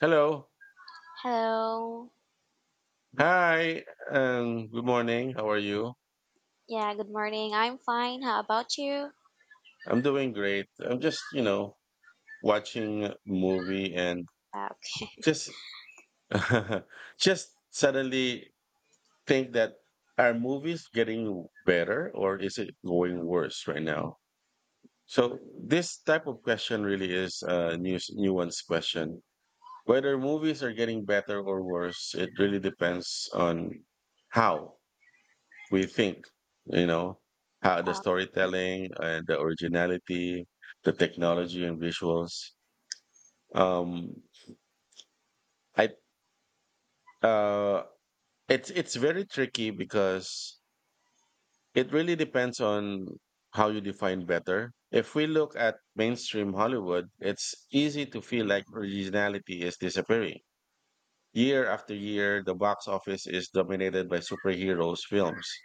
Hello. Hello. Hi. Good morning. How are you? Yeah, good morning. I'm fine. How about you? I'm doing great. I'm just, watching a movie and Okay. just just suddenly think that are movies getting better or is it going worse right now? So this type of question really is a new nuanced question. Whether movies are getting better or worse, it really depends on how. We think, you know, how the Uh storytelling and the originality, the technology and visuals. Um, I uh, it's very tricky because it really depends on how you define better. If we look at mainstream Hollywood, it's easy to feel like originality is disappearing. Year after year, the box office is dominated by superheroes films,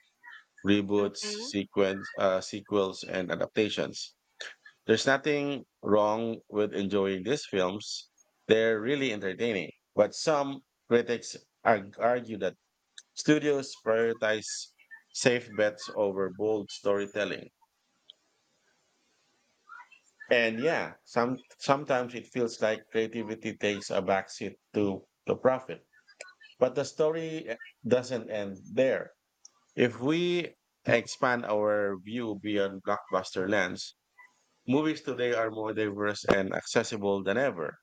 reboots, mm-hmm, sequels, and adaptations. There's nothing wrong with enjoying these films. They're really entertaining. But some critics argue that studios prioritize safe bets over bold storytelling. And yeah, sometimes it feels like creativity takes a backseat to the profit. But the story doesn't end there. If we expand our view beyond blockbuster lens, movies today are more diverse and accessible than ever.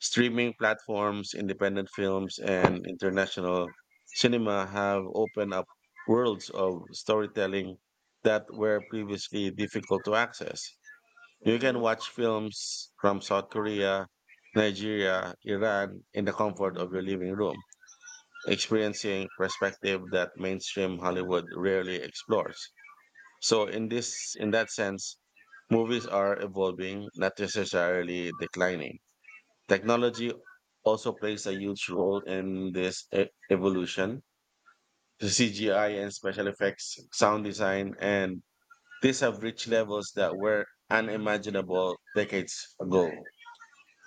Streaming platforms, independent films, and international cinema have opened up worlds of storytelling that were previously difficult to access. You can mm-hmm, watch films from South Korea, Nigeria, Iran in the comfort of your living room, experiencing perspective that mainstream Hollywood rarely explores. So in that sense, movies are evolving, not necessarily declining. Technology also plays a huge role in this evolution. The CGI and special effects, sound design, and these have reached levels that were unimaginable decades ago.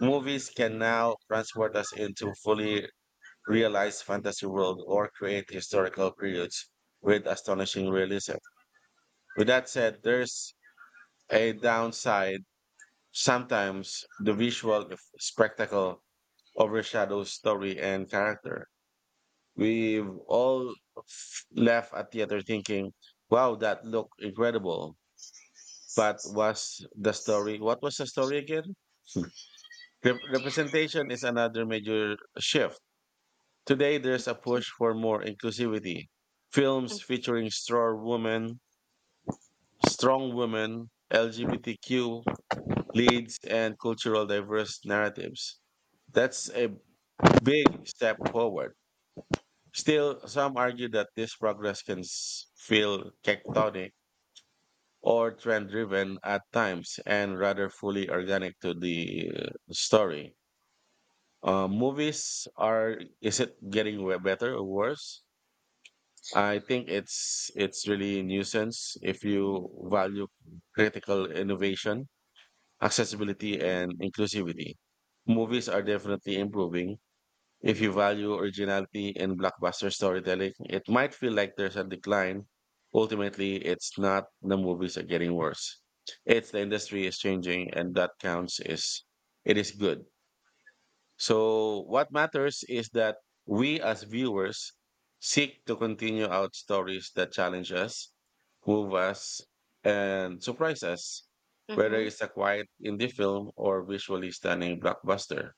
Movies can now transport us into fully realized fantasy world or create historical periods with astonishing realism. With that said, there's a downside. Sometimes the visual spectacle overshadows story and character. We've all left at theater thinking, wow, that looked incredible. But what was the story again? Hmm. Representation is another major shift. Today, there's a push for more inclusivity. Films featuring strong women, LGBTQ leads, and cultural diverse narratives. That's a big step forward. Still, some argue that this progress can feel tectonic or trend driven at times and rather fully organic to the story. Movies are, is it getting better or worse? I think it's really nuisance if you value critical innovation, accessibility, and inclusivity. Movies are definitely improving. If you value originality in blockbuster storytelling, it might feel like there's a decline. Ultimately, it's not the movies are getting worse. It's the industry is changing and that counts is it is good. So what matters is that we as viewers seek to continue out stories that challenge us, move us, and surprise us, whether mm-hmm, it's a quiet indie film or visually stunning blockbuster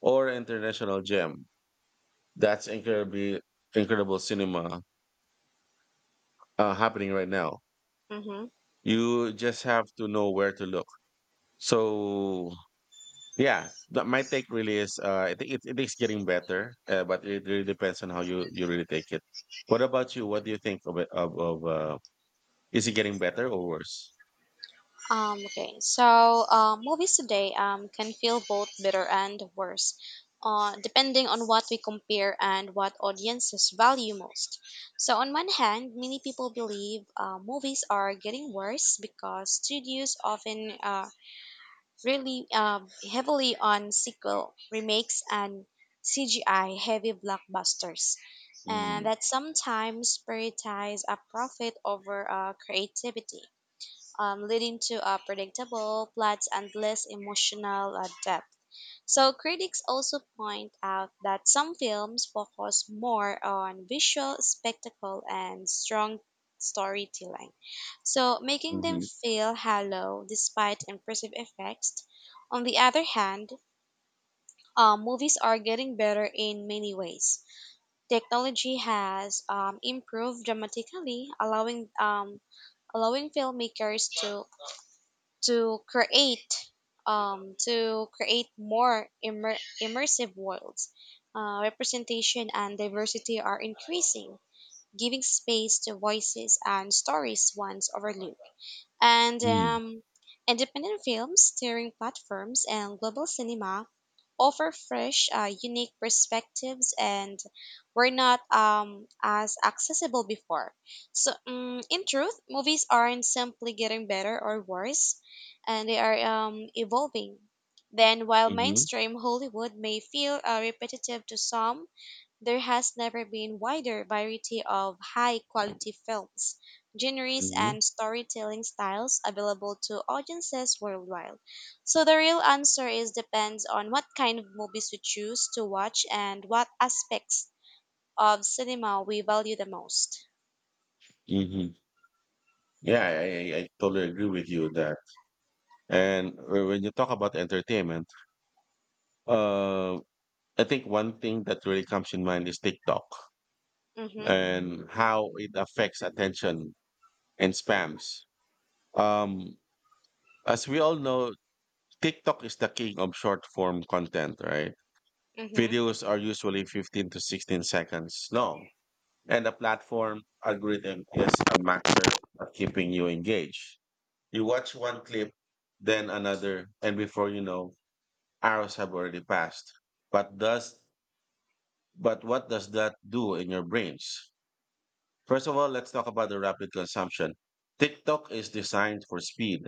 or international gem that's incredibly incredible cinema happening right now. mm-hmm. You just have to know where to look. So yeah, but my take really is I think it is getting better, but it really depends on how you really take it. What about you? What do you think of it? Of Is it getting better or worse? Okay. So, movies today can feel both better and worse, depending on what we compare and what audiences value most. So, on one hand, many people believe movies are getting worse because studios often really heavily on sequel remakes and CGI heavy blockbusters, and Mm, that sometimes prioritize a profit over creativity, leading to predictable plots and less emotional depth. So critics also point out that some films focus more on visual spectacle and strong storytelling, so making them mm-hmm, feel hollow despite impressive effects. On the other hand, movies are getting better in many ways. Technology has improved dramatically, allowing filmmakers to create to create more immersive worlds. Representation and diversity are increasing, giving space to voices and stories once overlooked. And mm, Independent films, steering platforms, and global cinema offer fresh, unique perspectives, and were not as accessible before. So, in truth, movies aren't simply getting better or worse, and they are evolving. Then, while mm-hmm, mainstream Hollywood may feel repetitive to some, there has never been wider variety of high quality films, genres, mm-hmm, and storytelling styles available to audiences worldwide. So the real answer is depends on what kind of movies we choose to watch and what aspects of cinema we value the most. mm-hmm. Yeah, I totally agree with you that. And when you talk about entertainment, uh, I think one thing that really comes in mind is TikTok Mhm. and how it affects attention and spams. Um, as we all know, TikTok is the king of short form content, right? Mhm. Videos are usually 15 to 16 seconds long, and the platform algorithm is a master at keeping you engaged. You watch one clip, then another, and before you know, hours have already passed. But does but what does that do in your brains? First of all, let's talk about the rapid consumption. TikTok is designed for speed.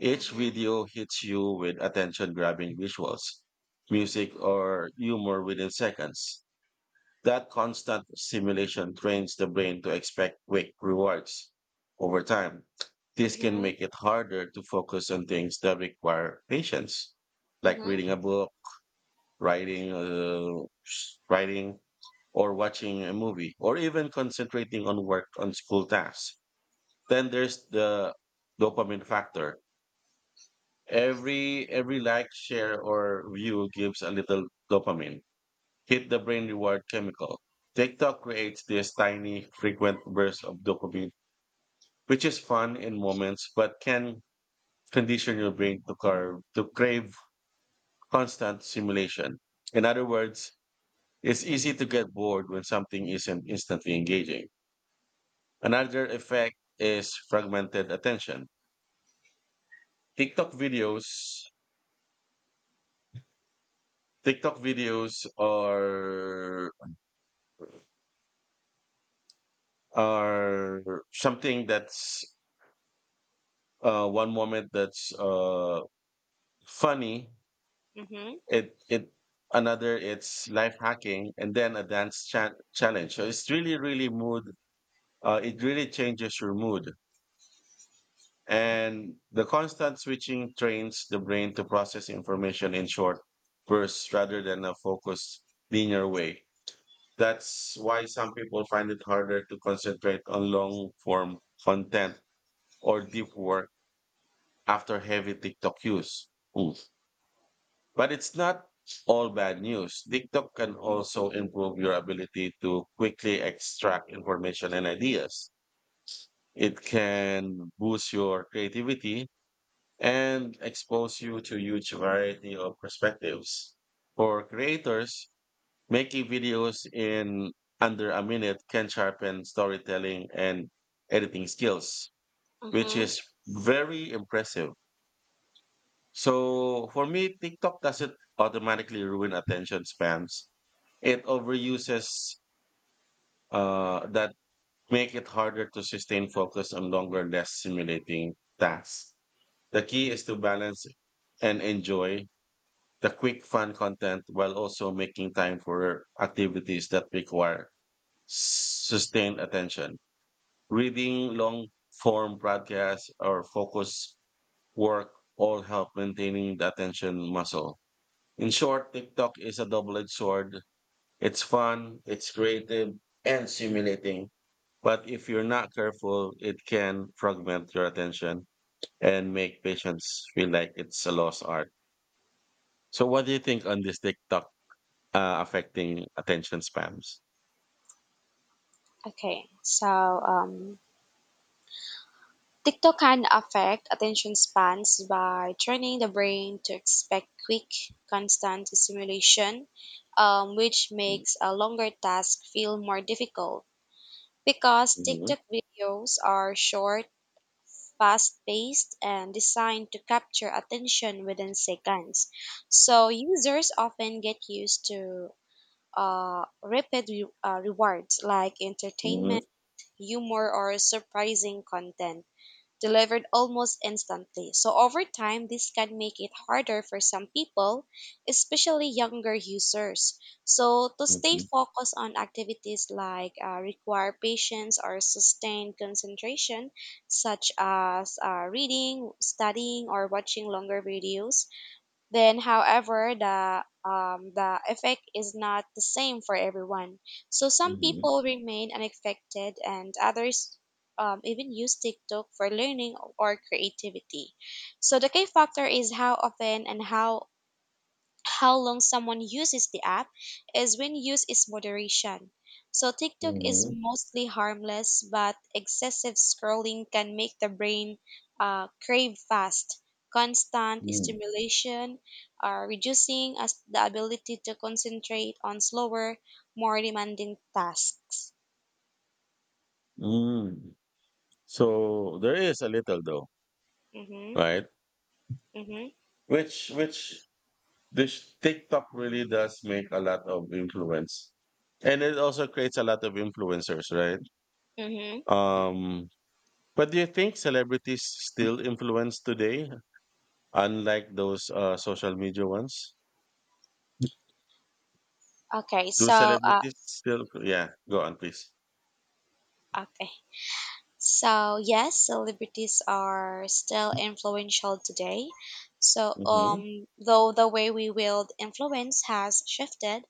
Each Mhm. video hits you with attention grabbing visuals, music, or humor within seconds. That constant stimulation trains the brain to expect quick rewards. Over time, this can Mhm. make it harder to focus on things that require patience, like Mhm. reading a book, writing, uh, writing, or watching a movie, or even concentrating on work on school tasks. Then there's the dopamine factor. Every like, share, or view gives a little dopamine. Hit the brain reward chemical. TikTok creates this tiny, frequent burst of dopamine, which is fun in moments, but can condition your brain to crave constant stimulation. In other words, it's easy to get bored when something isn't instantly engaging. Another effect is fragmented attention. TikTok videos, TikTok videos are something that's one moment that's funny. Mhm. It Another it's life hacking, and then a dance challenge. So it's really mood. It really changes your mood. And the constant switching trains the brain to process information in short bursts rather than a focused, linear way. That's why some people find it harder to concentrate on long form content or deep work after heavy TikTok use. Oof. But it's not all bad news. TikTok can also improve your ability to quickly extract information and ideas. It can boost your creativity and expose you to huge variety of perspectives. For creators, making videos in under a minute can sharpen storytelling and editing skills, which Mhm. is very impressive. So for me, TikTok doesn't automatically ruin attention spans. It overuses that make it harder to sustain focus on longer, less stimulating tasks. The key is to balance and enjoy the quick fun content while also making time for activities that require sustained attention. Reading long form broadcasts or focus work all help maintaining the attention muscle. In short, TikTok is a double-edged sword. It's fun, it's creative, and stimulating. But if you're not careful, it can fragment your attention and make patients feel like it's a lost art. So what do you think on this TikTok affecting attention spams? Okay. So um TikTok can affect attention spans by training the brain to expect quick, constant stimulation, which Mm, makes a longer task feel more difficult. Because mhm, TikTok videos are short, fast paced, and designed to capture attention within seconds. So users often get used to uh, rewards like mhm, entertainment, humor, or surprising content delivered almost instantly. So over time, this can make it harder for some people, especially younger users. So to stay mhm, focused on activities like require patience or sustained concentration, such as reading, studying, or watching longer videos, then, however, the effect is not the same for everyone. So some mhm, people remain unaffected, and others even use TikTok for learning or creativity. So the K factor is how often and how long someone uses the app is when use is moderation. So TikTok is mhm, mostly harmless, but excessive scrolling can make the brain crave fast, constant mm, stimulation, reducing us the ability to concentrate on slower, more demanding tasks. mm. So there is a little though, Mm-hmm, right? mm-hmm, Which This TikTok really does make a lot of influence. And it also creates a lot of influencers, right? mm-hmm. Um, but do you think celebrities still influence today, unlike those social media ones? Okay, Do so uh, celebrities still? Yeah, go on, please. okay. So yes, celebrities are still influential today. So Hmm. Though the way we wield influence has shifted.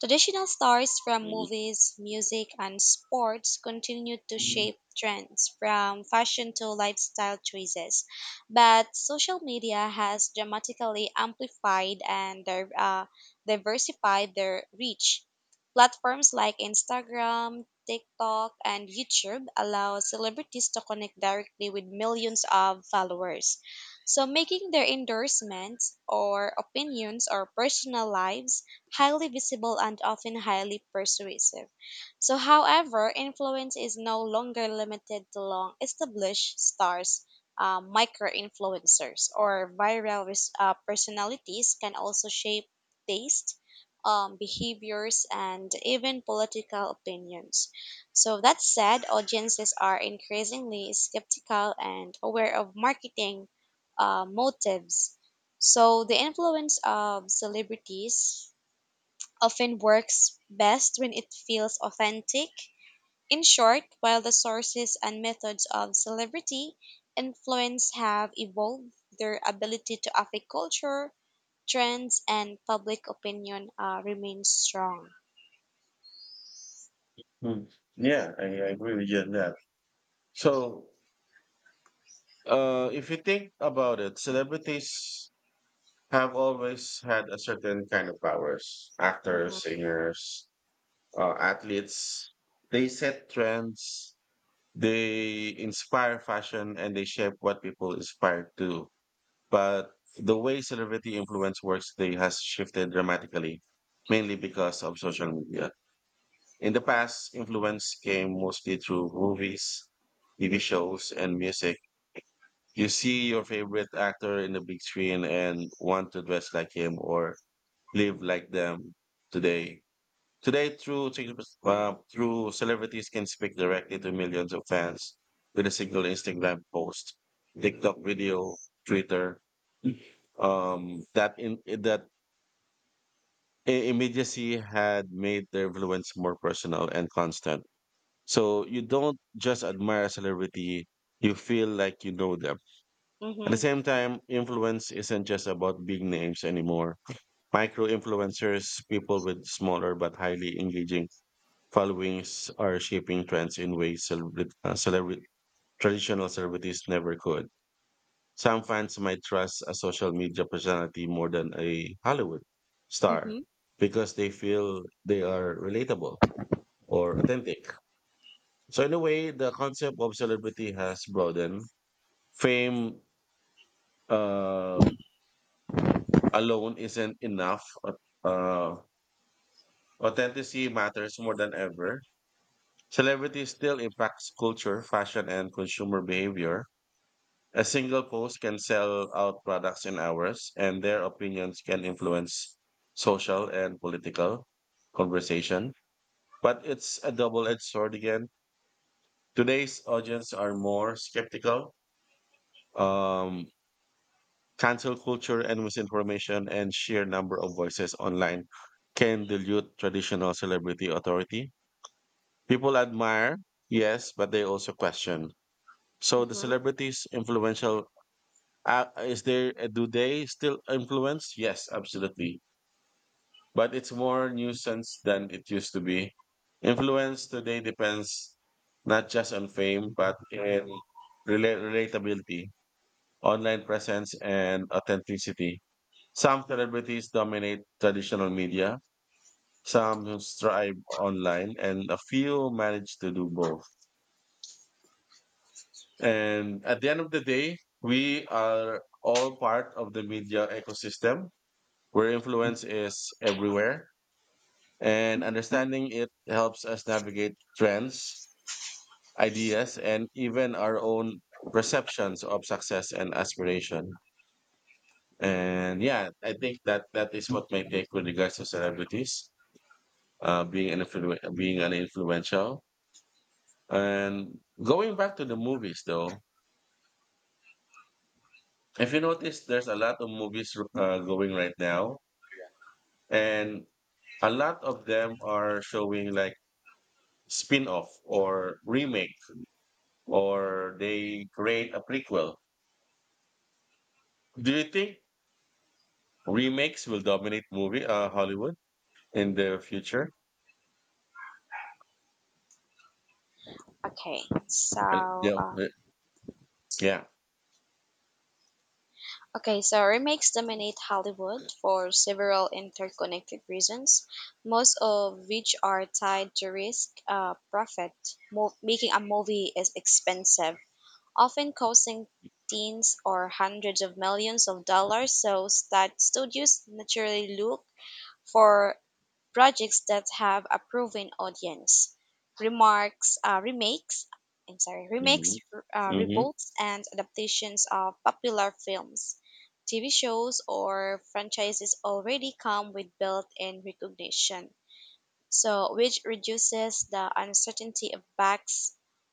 Traditional stars from movies, music, and sports continued to shape trends from fashion to lifestyle choices. But social media has dramatically amplified and diversified their reach. Platforms like Instagram, TikTok, and YouTube allow celebrities to connect directly with millions of followers. So, making their endorsements or opinions or personal lives highly visible and often highly persuasive. So, however, influence is no longer limited to long established stars. Micro influencers or viral personalities can also shape taste, behaviors, and even political opinions. So, that said, audiences are increasingly skeptical and aware of marketing motives. So, the influence of celebrities often works best when it feels authentic. In short, while the sources and methods of celebrity influence have evolved, their ability to affect culture, trends, and public opinion remains strong. Hmm. Yeah, I agree with you on that. So, if you think about it, celebrities have always had a certain kind of powers. Mm-hmm, Actors, singers, athletes, they set trends, they inspire fashion, and they shape what people aspire to. But the way celebrity influence works today has shifted dramatically, mainly because of social media. In the past, influence came mostly through movies, TV shows, and music. You see your favorite actor in the big screen and want to dress like him or live like them today. Today, through through celebrities can speak directly to millions of fans with a single Instagram post, TikTok video, Twitter. That in that Immediacy had made their influence more personal and constant. So you don't just admire a celebrity; you feel like you know them. At the mm-hmm, same time, influence isn't just about big names anymore. Micro influencers, people with smaller but highly engaging followings, are shaping trends in ways traditional celebrities never could. Some fans might trust a social media personality more than a Hollywood mm-hmm, star because they feel they are relatable or authentic. So, in a way, the concept of celebrity has broadened. Fame uh, alone isn't enough. Uh, Authenticity matters more than ever. Celebrity still impacts culture, fashion, and consumer behavior. A single post can sell out products in hours, and their opinions can influence social and political conversation. But it's a double edged sword again. Today's audience are more skeptical. Um, Cancel culture and misinformation and sheer number of voices online can dilute traditional celebrity authority. People admire, yes, but they also question. So the mm-hmm. celebrities influential. Is there? Do they still influence? Yes, absolutely. But it's more nuisance than it used to be. Influence today depends not just on fame, but in relatability, online presence, and authenticity. Some celebrities dominate traditional media. Some strive online, and a few manage to do both. And at the end of the day, we are all part of the media ecosystem where influence is everywhere. And understanding it helps us navigate trends, ideas, and even our own perceptions of success and aspiration. And yeah, I think that that is what my take with regards to celebrities being an influential. And going back to the movies, though, if you notice, there's a lot of movies going right now and a lot of them are showing like spin-off or remake or they create a prequel. Do you think remakes will dominate movie Hollywood in the future? Okay, Uh, so yeah uh, uh, yeah. Okay, so remakes dominate Hollywood for several interconnected reasons, most of which are tied to risk, profit. Making a movie is expensive, often costing teens or hundreds of millions of dollars, so studios naturally look for projects that have a proven audience. Remarks, remakes, I'm sorry, remakes, Mm-hmm. Hmm. reboots, and adaptations of popular films, TV shows, or franchises already come with built-in recognition so which reduces the uncertainty of back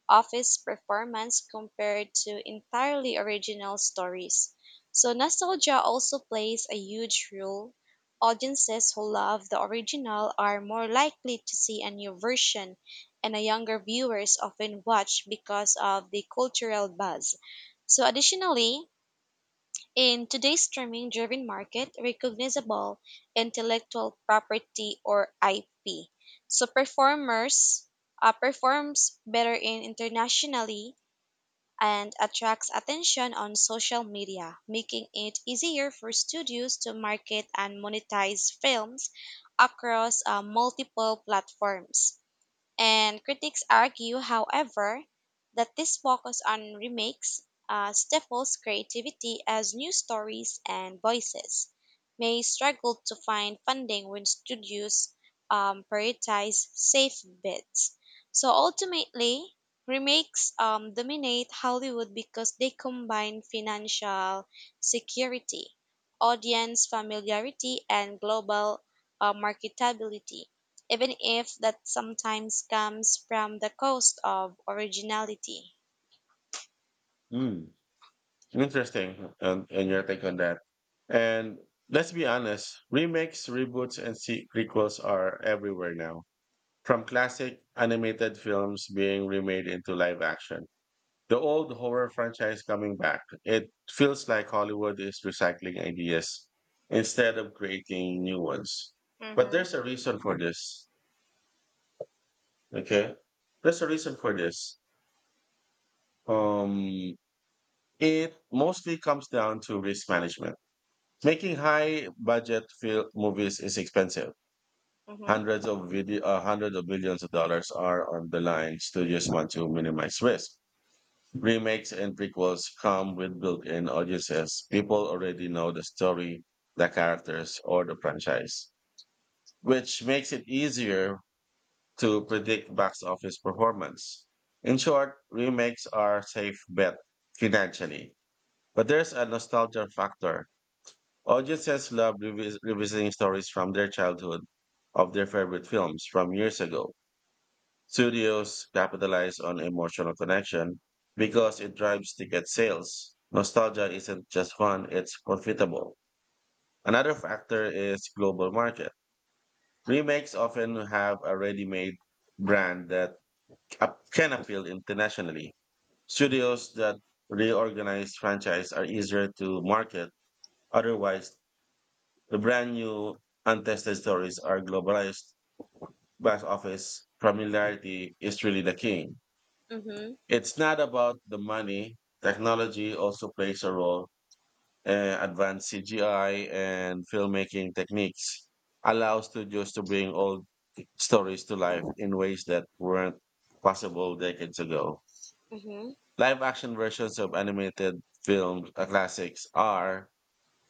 office performance compared to entirely original stories. So nostalgia also plays a huge role. Audiences who love the original are more likely to see a new version, and a younger viewers often watch because of the cultural buzz. So additionally, in today's streaming driven market, recognizable intellectual property or IP. So performers performs better in internationally and attracts attention on social media, making it easier for studios to market and monetize films across multiple platforms. And critics argue, however, that this focus on remakes stifles creativity as new stories and voices may struggle to find funding when studios prioritize safe bids. So ultimately, remakes dominate Hollywood because they combine financial security, audience familiarity, and global marketability even if that sometimes comes from the cost of originality. Mm. Interesting. And your take on that. And let's be honest, remakes, reboots, and prequels are everywhere now, from classic animated films being remade into live action, the old horror franchise coming back. It feels like Hollywood is recycling ideas instead of creating new ones. But Mhm. there's a reason for this. Okay. There's a reason for this. Um, it mostly comes down to risk management. Making high budget movies is expensive. Mhm. Hundreds of billions of dollars are on the line. Studios want to minimize risk. Remakes and prequels come with built in audiences. People already know the story, the characters, or the franchise, which makes it easier to predict box office performance. In short, remakes are safe bet financially, but there's a nostalgia factor. Audiences love revisiting stories from their childhood, of their favorite films from years ago. Studios capitalize on emotional connection because it drives ticket sales. Nostalgia isn't just fun, it's profitable. Another factor is global market. Remakes often have a ready made brand that can appeal internationally. Studios that reorganize franchise are easier to market. Otherwise, the brand new, untested stories are globalized. Box office familiarity is really the king. Mm-hmm. It's not about the money. Technology also plays a role. Advanced CGI and filmmaking techniques allow studios to bring old stories to life in ways that weren't possible decades ago. Mhm. Mhm. Live action versions of animated film classics are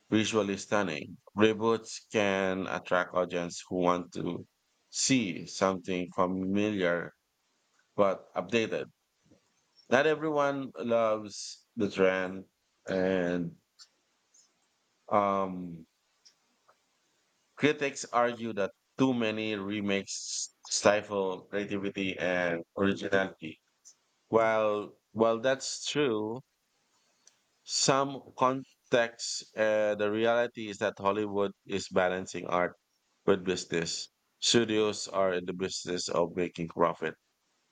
visually stunning. Reboots can attract audience who want to see something familiar but updated. Not everyone loves the trend, and um critics argue that too many remakes stifle creativity and originality. While that's true, some context. The reality is that Hollywood is balancing art with business. Studios are in the business of making profit,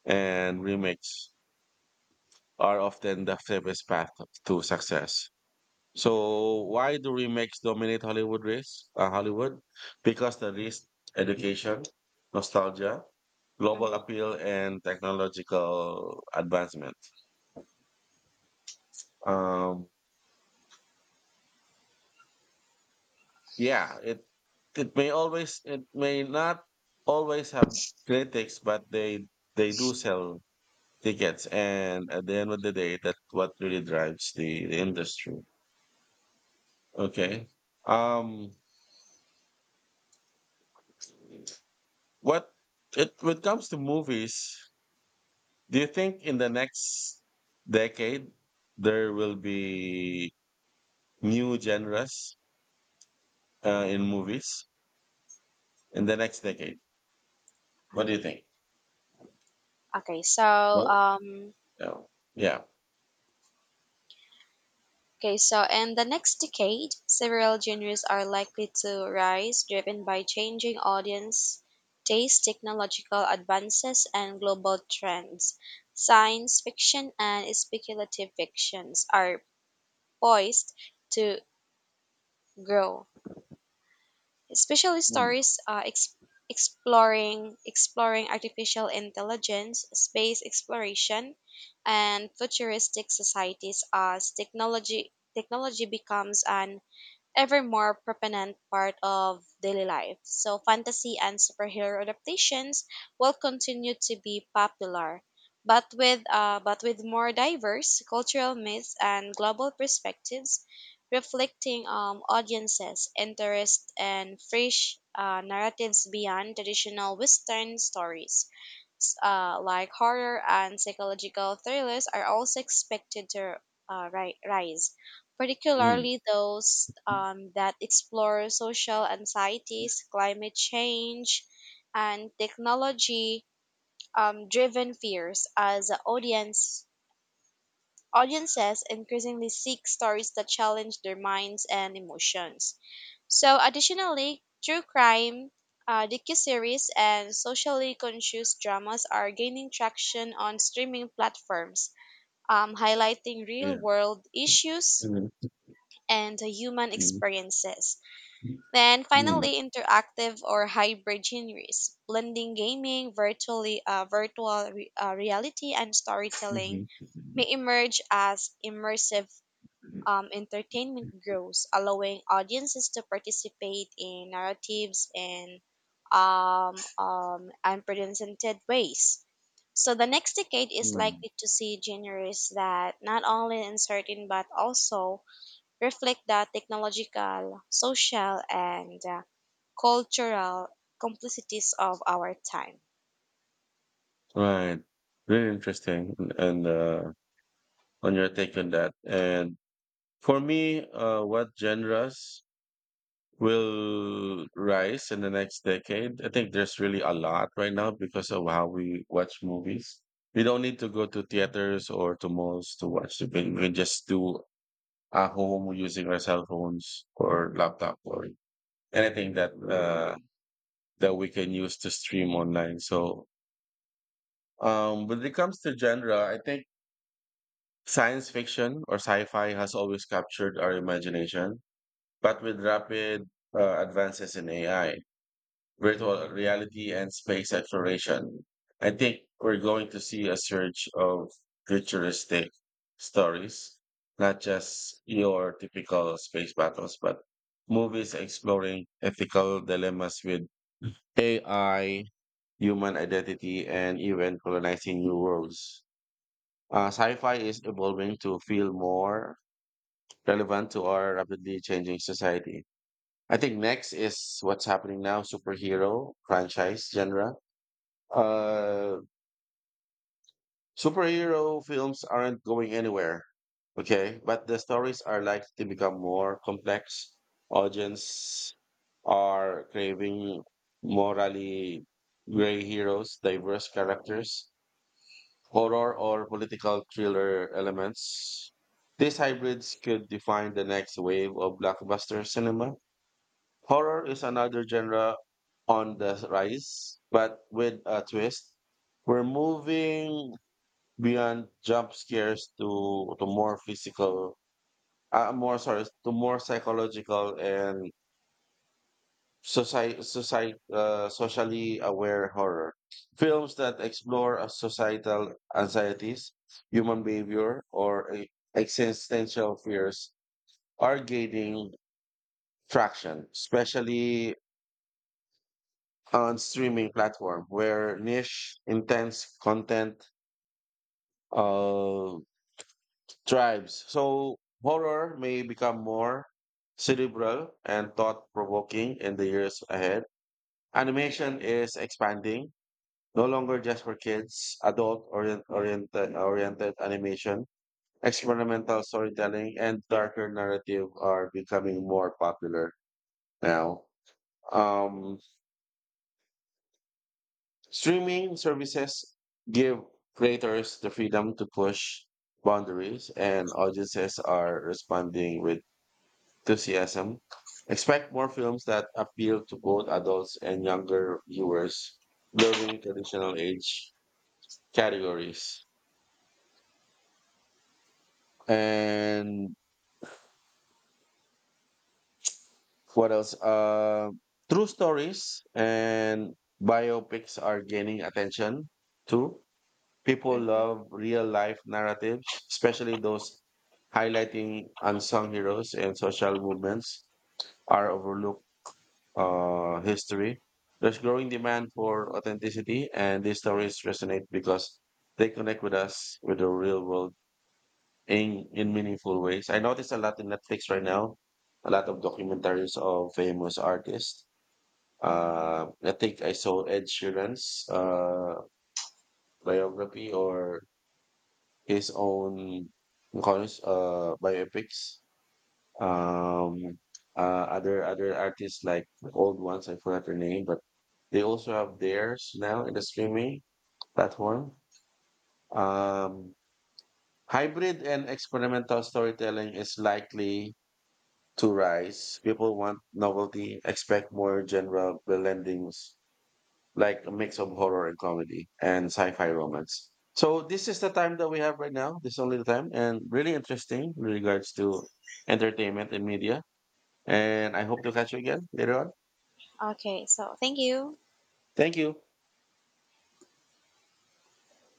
and remakes are often the safest path to success. So why do remakes dominate Hollywood race? Hollywood? Because the risk, education, nostalgia, global Mhm. appeal, and technological advancement. Um, yeah, it may always, it may not always have critics, but they do sell tickets, and at the end of the day, that's what really drives the industry. Okay. Um, what it when it comes to movies, do you think in the next decade there will be new genres, in movies, in the next decade? What do you Okay. think? Okay. So, No. um, No. Yeah. okay. So, in the next decade, several genres are likely to rise, driven by changing audience taste, technological advances, and global trends. Science fiction and speculative fictions are poised to grow, especially Mm. stories exploring exploring artificial intelligence, space exploration, and futuristic societies as technology becomes an ever more prominent part of daily life. So, fantasy and superhero adaptations will continue to be popular, but with more diverse cultural myths and global perspectives, reflecting audiences' interests and fresh narratives beyond traditional Western stories like horror and psychological thrillers are also expected to rise, Mm. particularly those that explore social anxieties, climate change, and technology driven fears as audiences increasingly seek stories that challenge their minds and emotions. So, additionally, true crime, docuseries, and socially conscious dramas are gaining traction on streaming platforms, highlighting real Yeah. world issues Mhm. and human Mm. experiences. Then, Mm. finally, interactive or hybrid genres, blending gaming, virtual reality, and storytelling Mhm. may emerge as immersive entertainment grows, allowing audiences to participate in narratives in unprecedented ways. So the next decade is Mm. likely to see genres that not only uncertain but also reflect the technological, social, and cultural complexities of our time. Right. Very interesting. And on your take on that. And for me, what genres will rise in the next decade. I think there's really a lot right now because of how we watch movies. We don't need to go to theaters or to malls to watch the film. We can just do at home using our cell phones or laptop or anything that we can use to stream online. So, when it comes to genre, I think science fiction or sci-fi has always captured our imagination, but with rapid advances in AI, virtual reality and space exploration. I think we're going to see a surge of futuristic stories, not just your typical space battles, but movies exploring ethical dilemmas with AI, human identity, and even colonizing new worlds. Sci-fi is evolving to feel more relevant to our rapidly changing society. I think next is what's happening now, superhero franchise genre uh Superhero films aren't going anywhere, okay, but the stories are likely to become more complex. Audience are craving morally gray heroes, diverse characters, horror or political thriller elements. These hybrids could define the next wave of blockbuster cinema. Horror is another genre on the rise, but with a twist. We're moving beyond jump scares to more physical more sorry to more psychological and society society socially aware horror films that explore societal anxieties, human behavior, or existential fears are gaining traction, especially on streaming platform where niche intense content uh tribes. So horror may become more cerebral and thought provoking in the years ahead. Animation is expanding, no longer just for kids. Adult oriented animation, experimental storytelling and darker narrative are becoming more popular now. Um, streaming services give creators the freedom to push boundaries, and audiences are responding with enthusiasm. Expect more films that appeal to both adults and younger viewers, blurring traditional age categories. And what else? True stories and biopics are gaining attention too. People Mhm. love real life narratives, especially those highlighting unsung heroes and social movements, are overlooked history. There's growing demand for authenticity, and these stories resonate because they connect with us with the real world in meaningful ways. I notice a lot in Netflix right now, a lot of documentaries of famous artists. I think I saw Ed Sheeran's biography or his own biopics. Um uh other other artists like the old ones, I forgot their name, but they also have theirs now in the streaming platform. um Hybrid and experimental storytelling is likely to rise. People want novelty. Expect more genre blendings, like a mix of horror and comedy and sci-fi romance. So this is the time that we have right now. This is only the time and really interesting in regards to entertainment and media. And I hope to catch you again later on. Okay, so thank you. Thank you.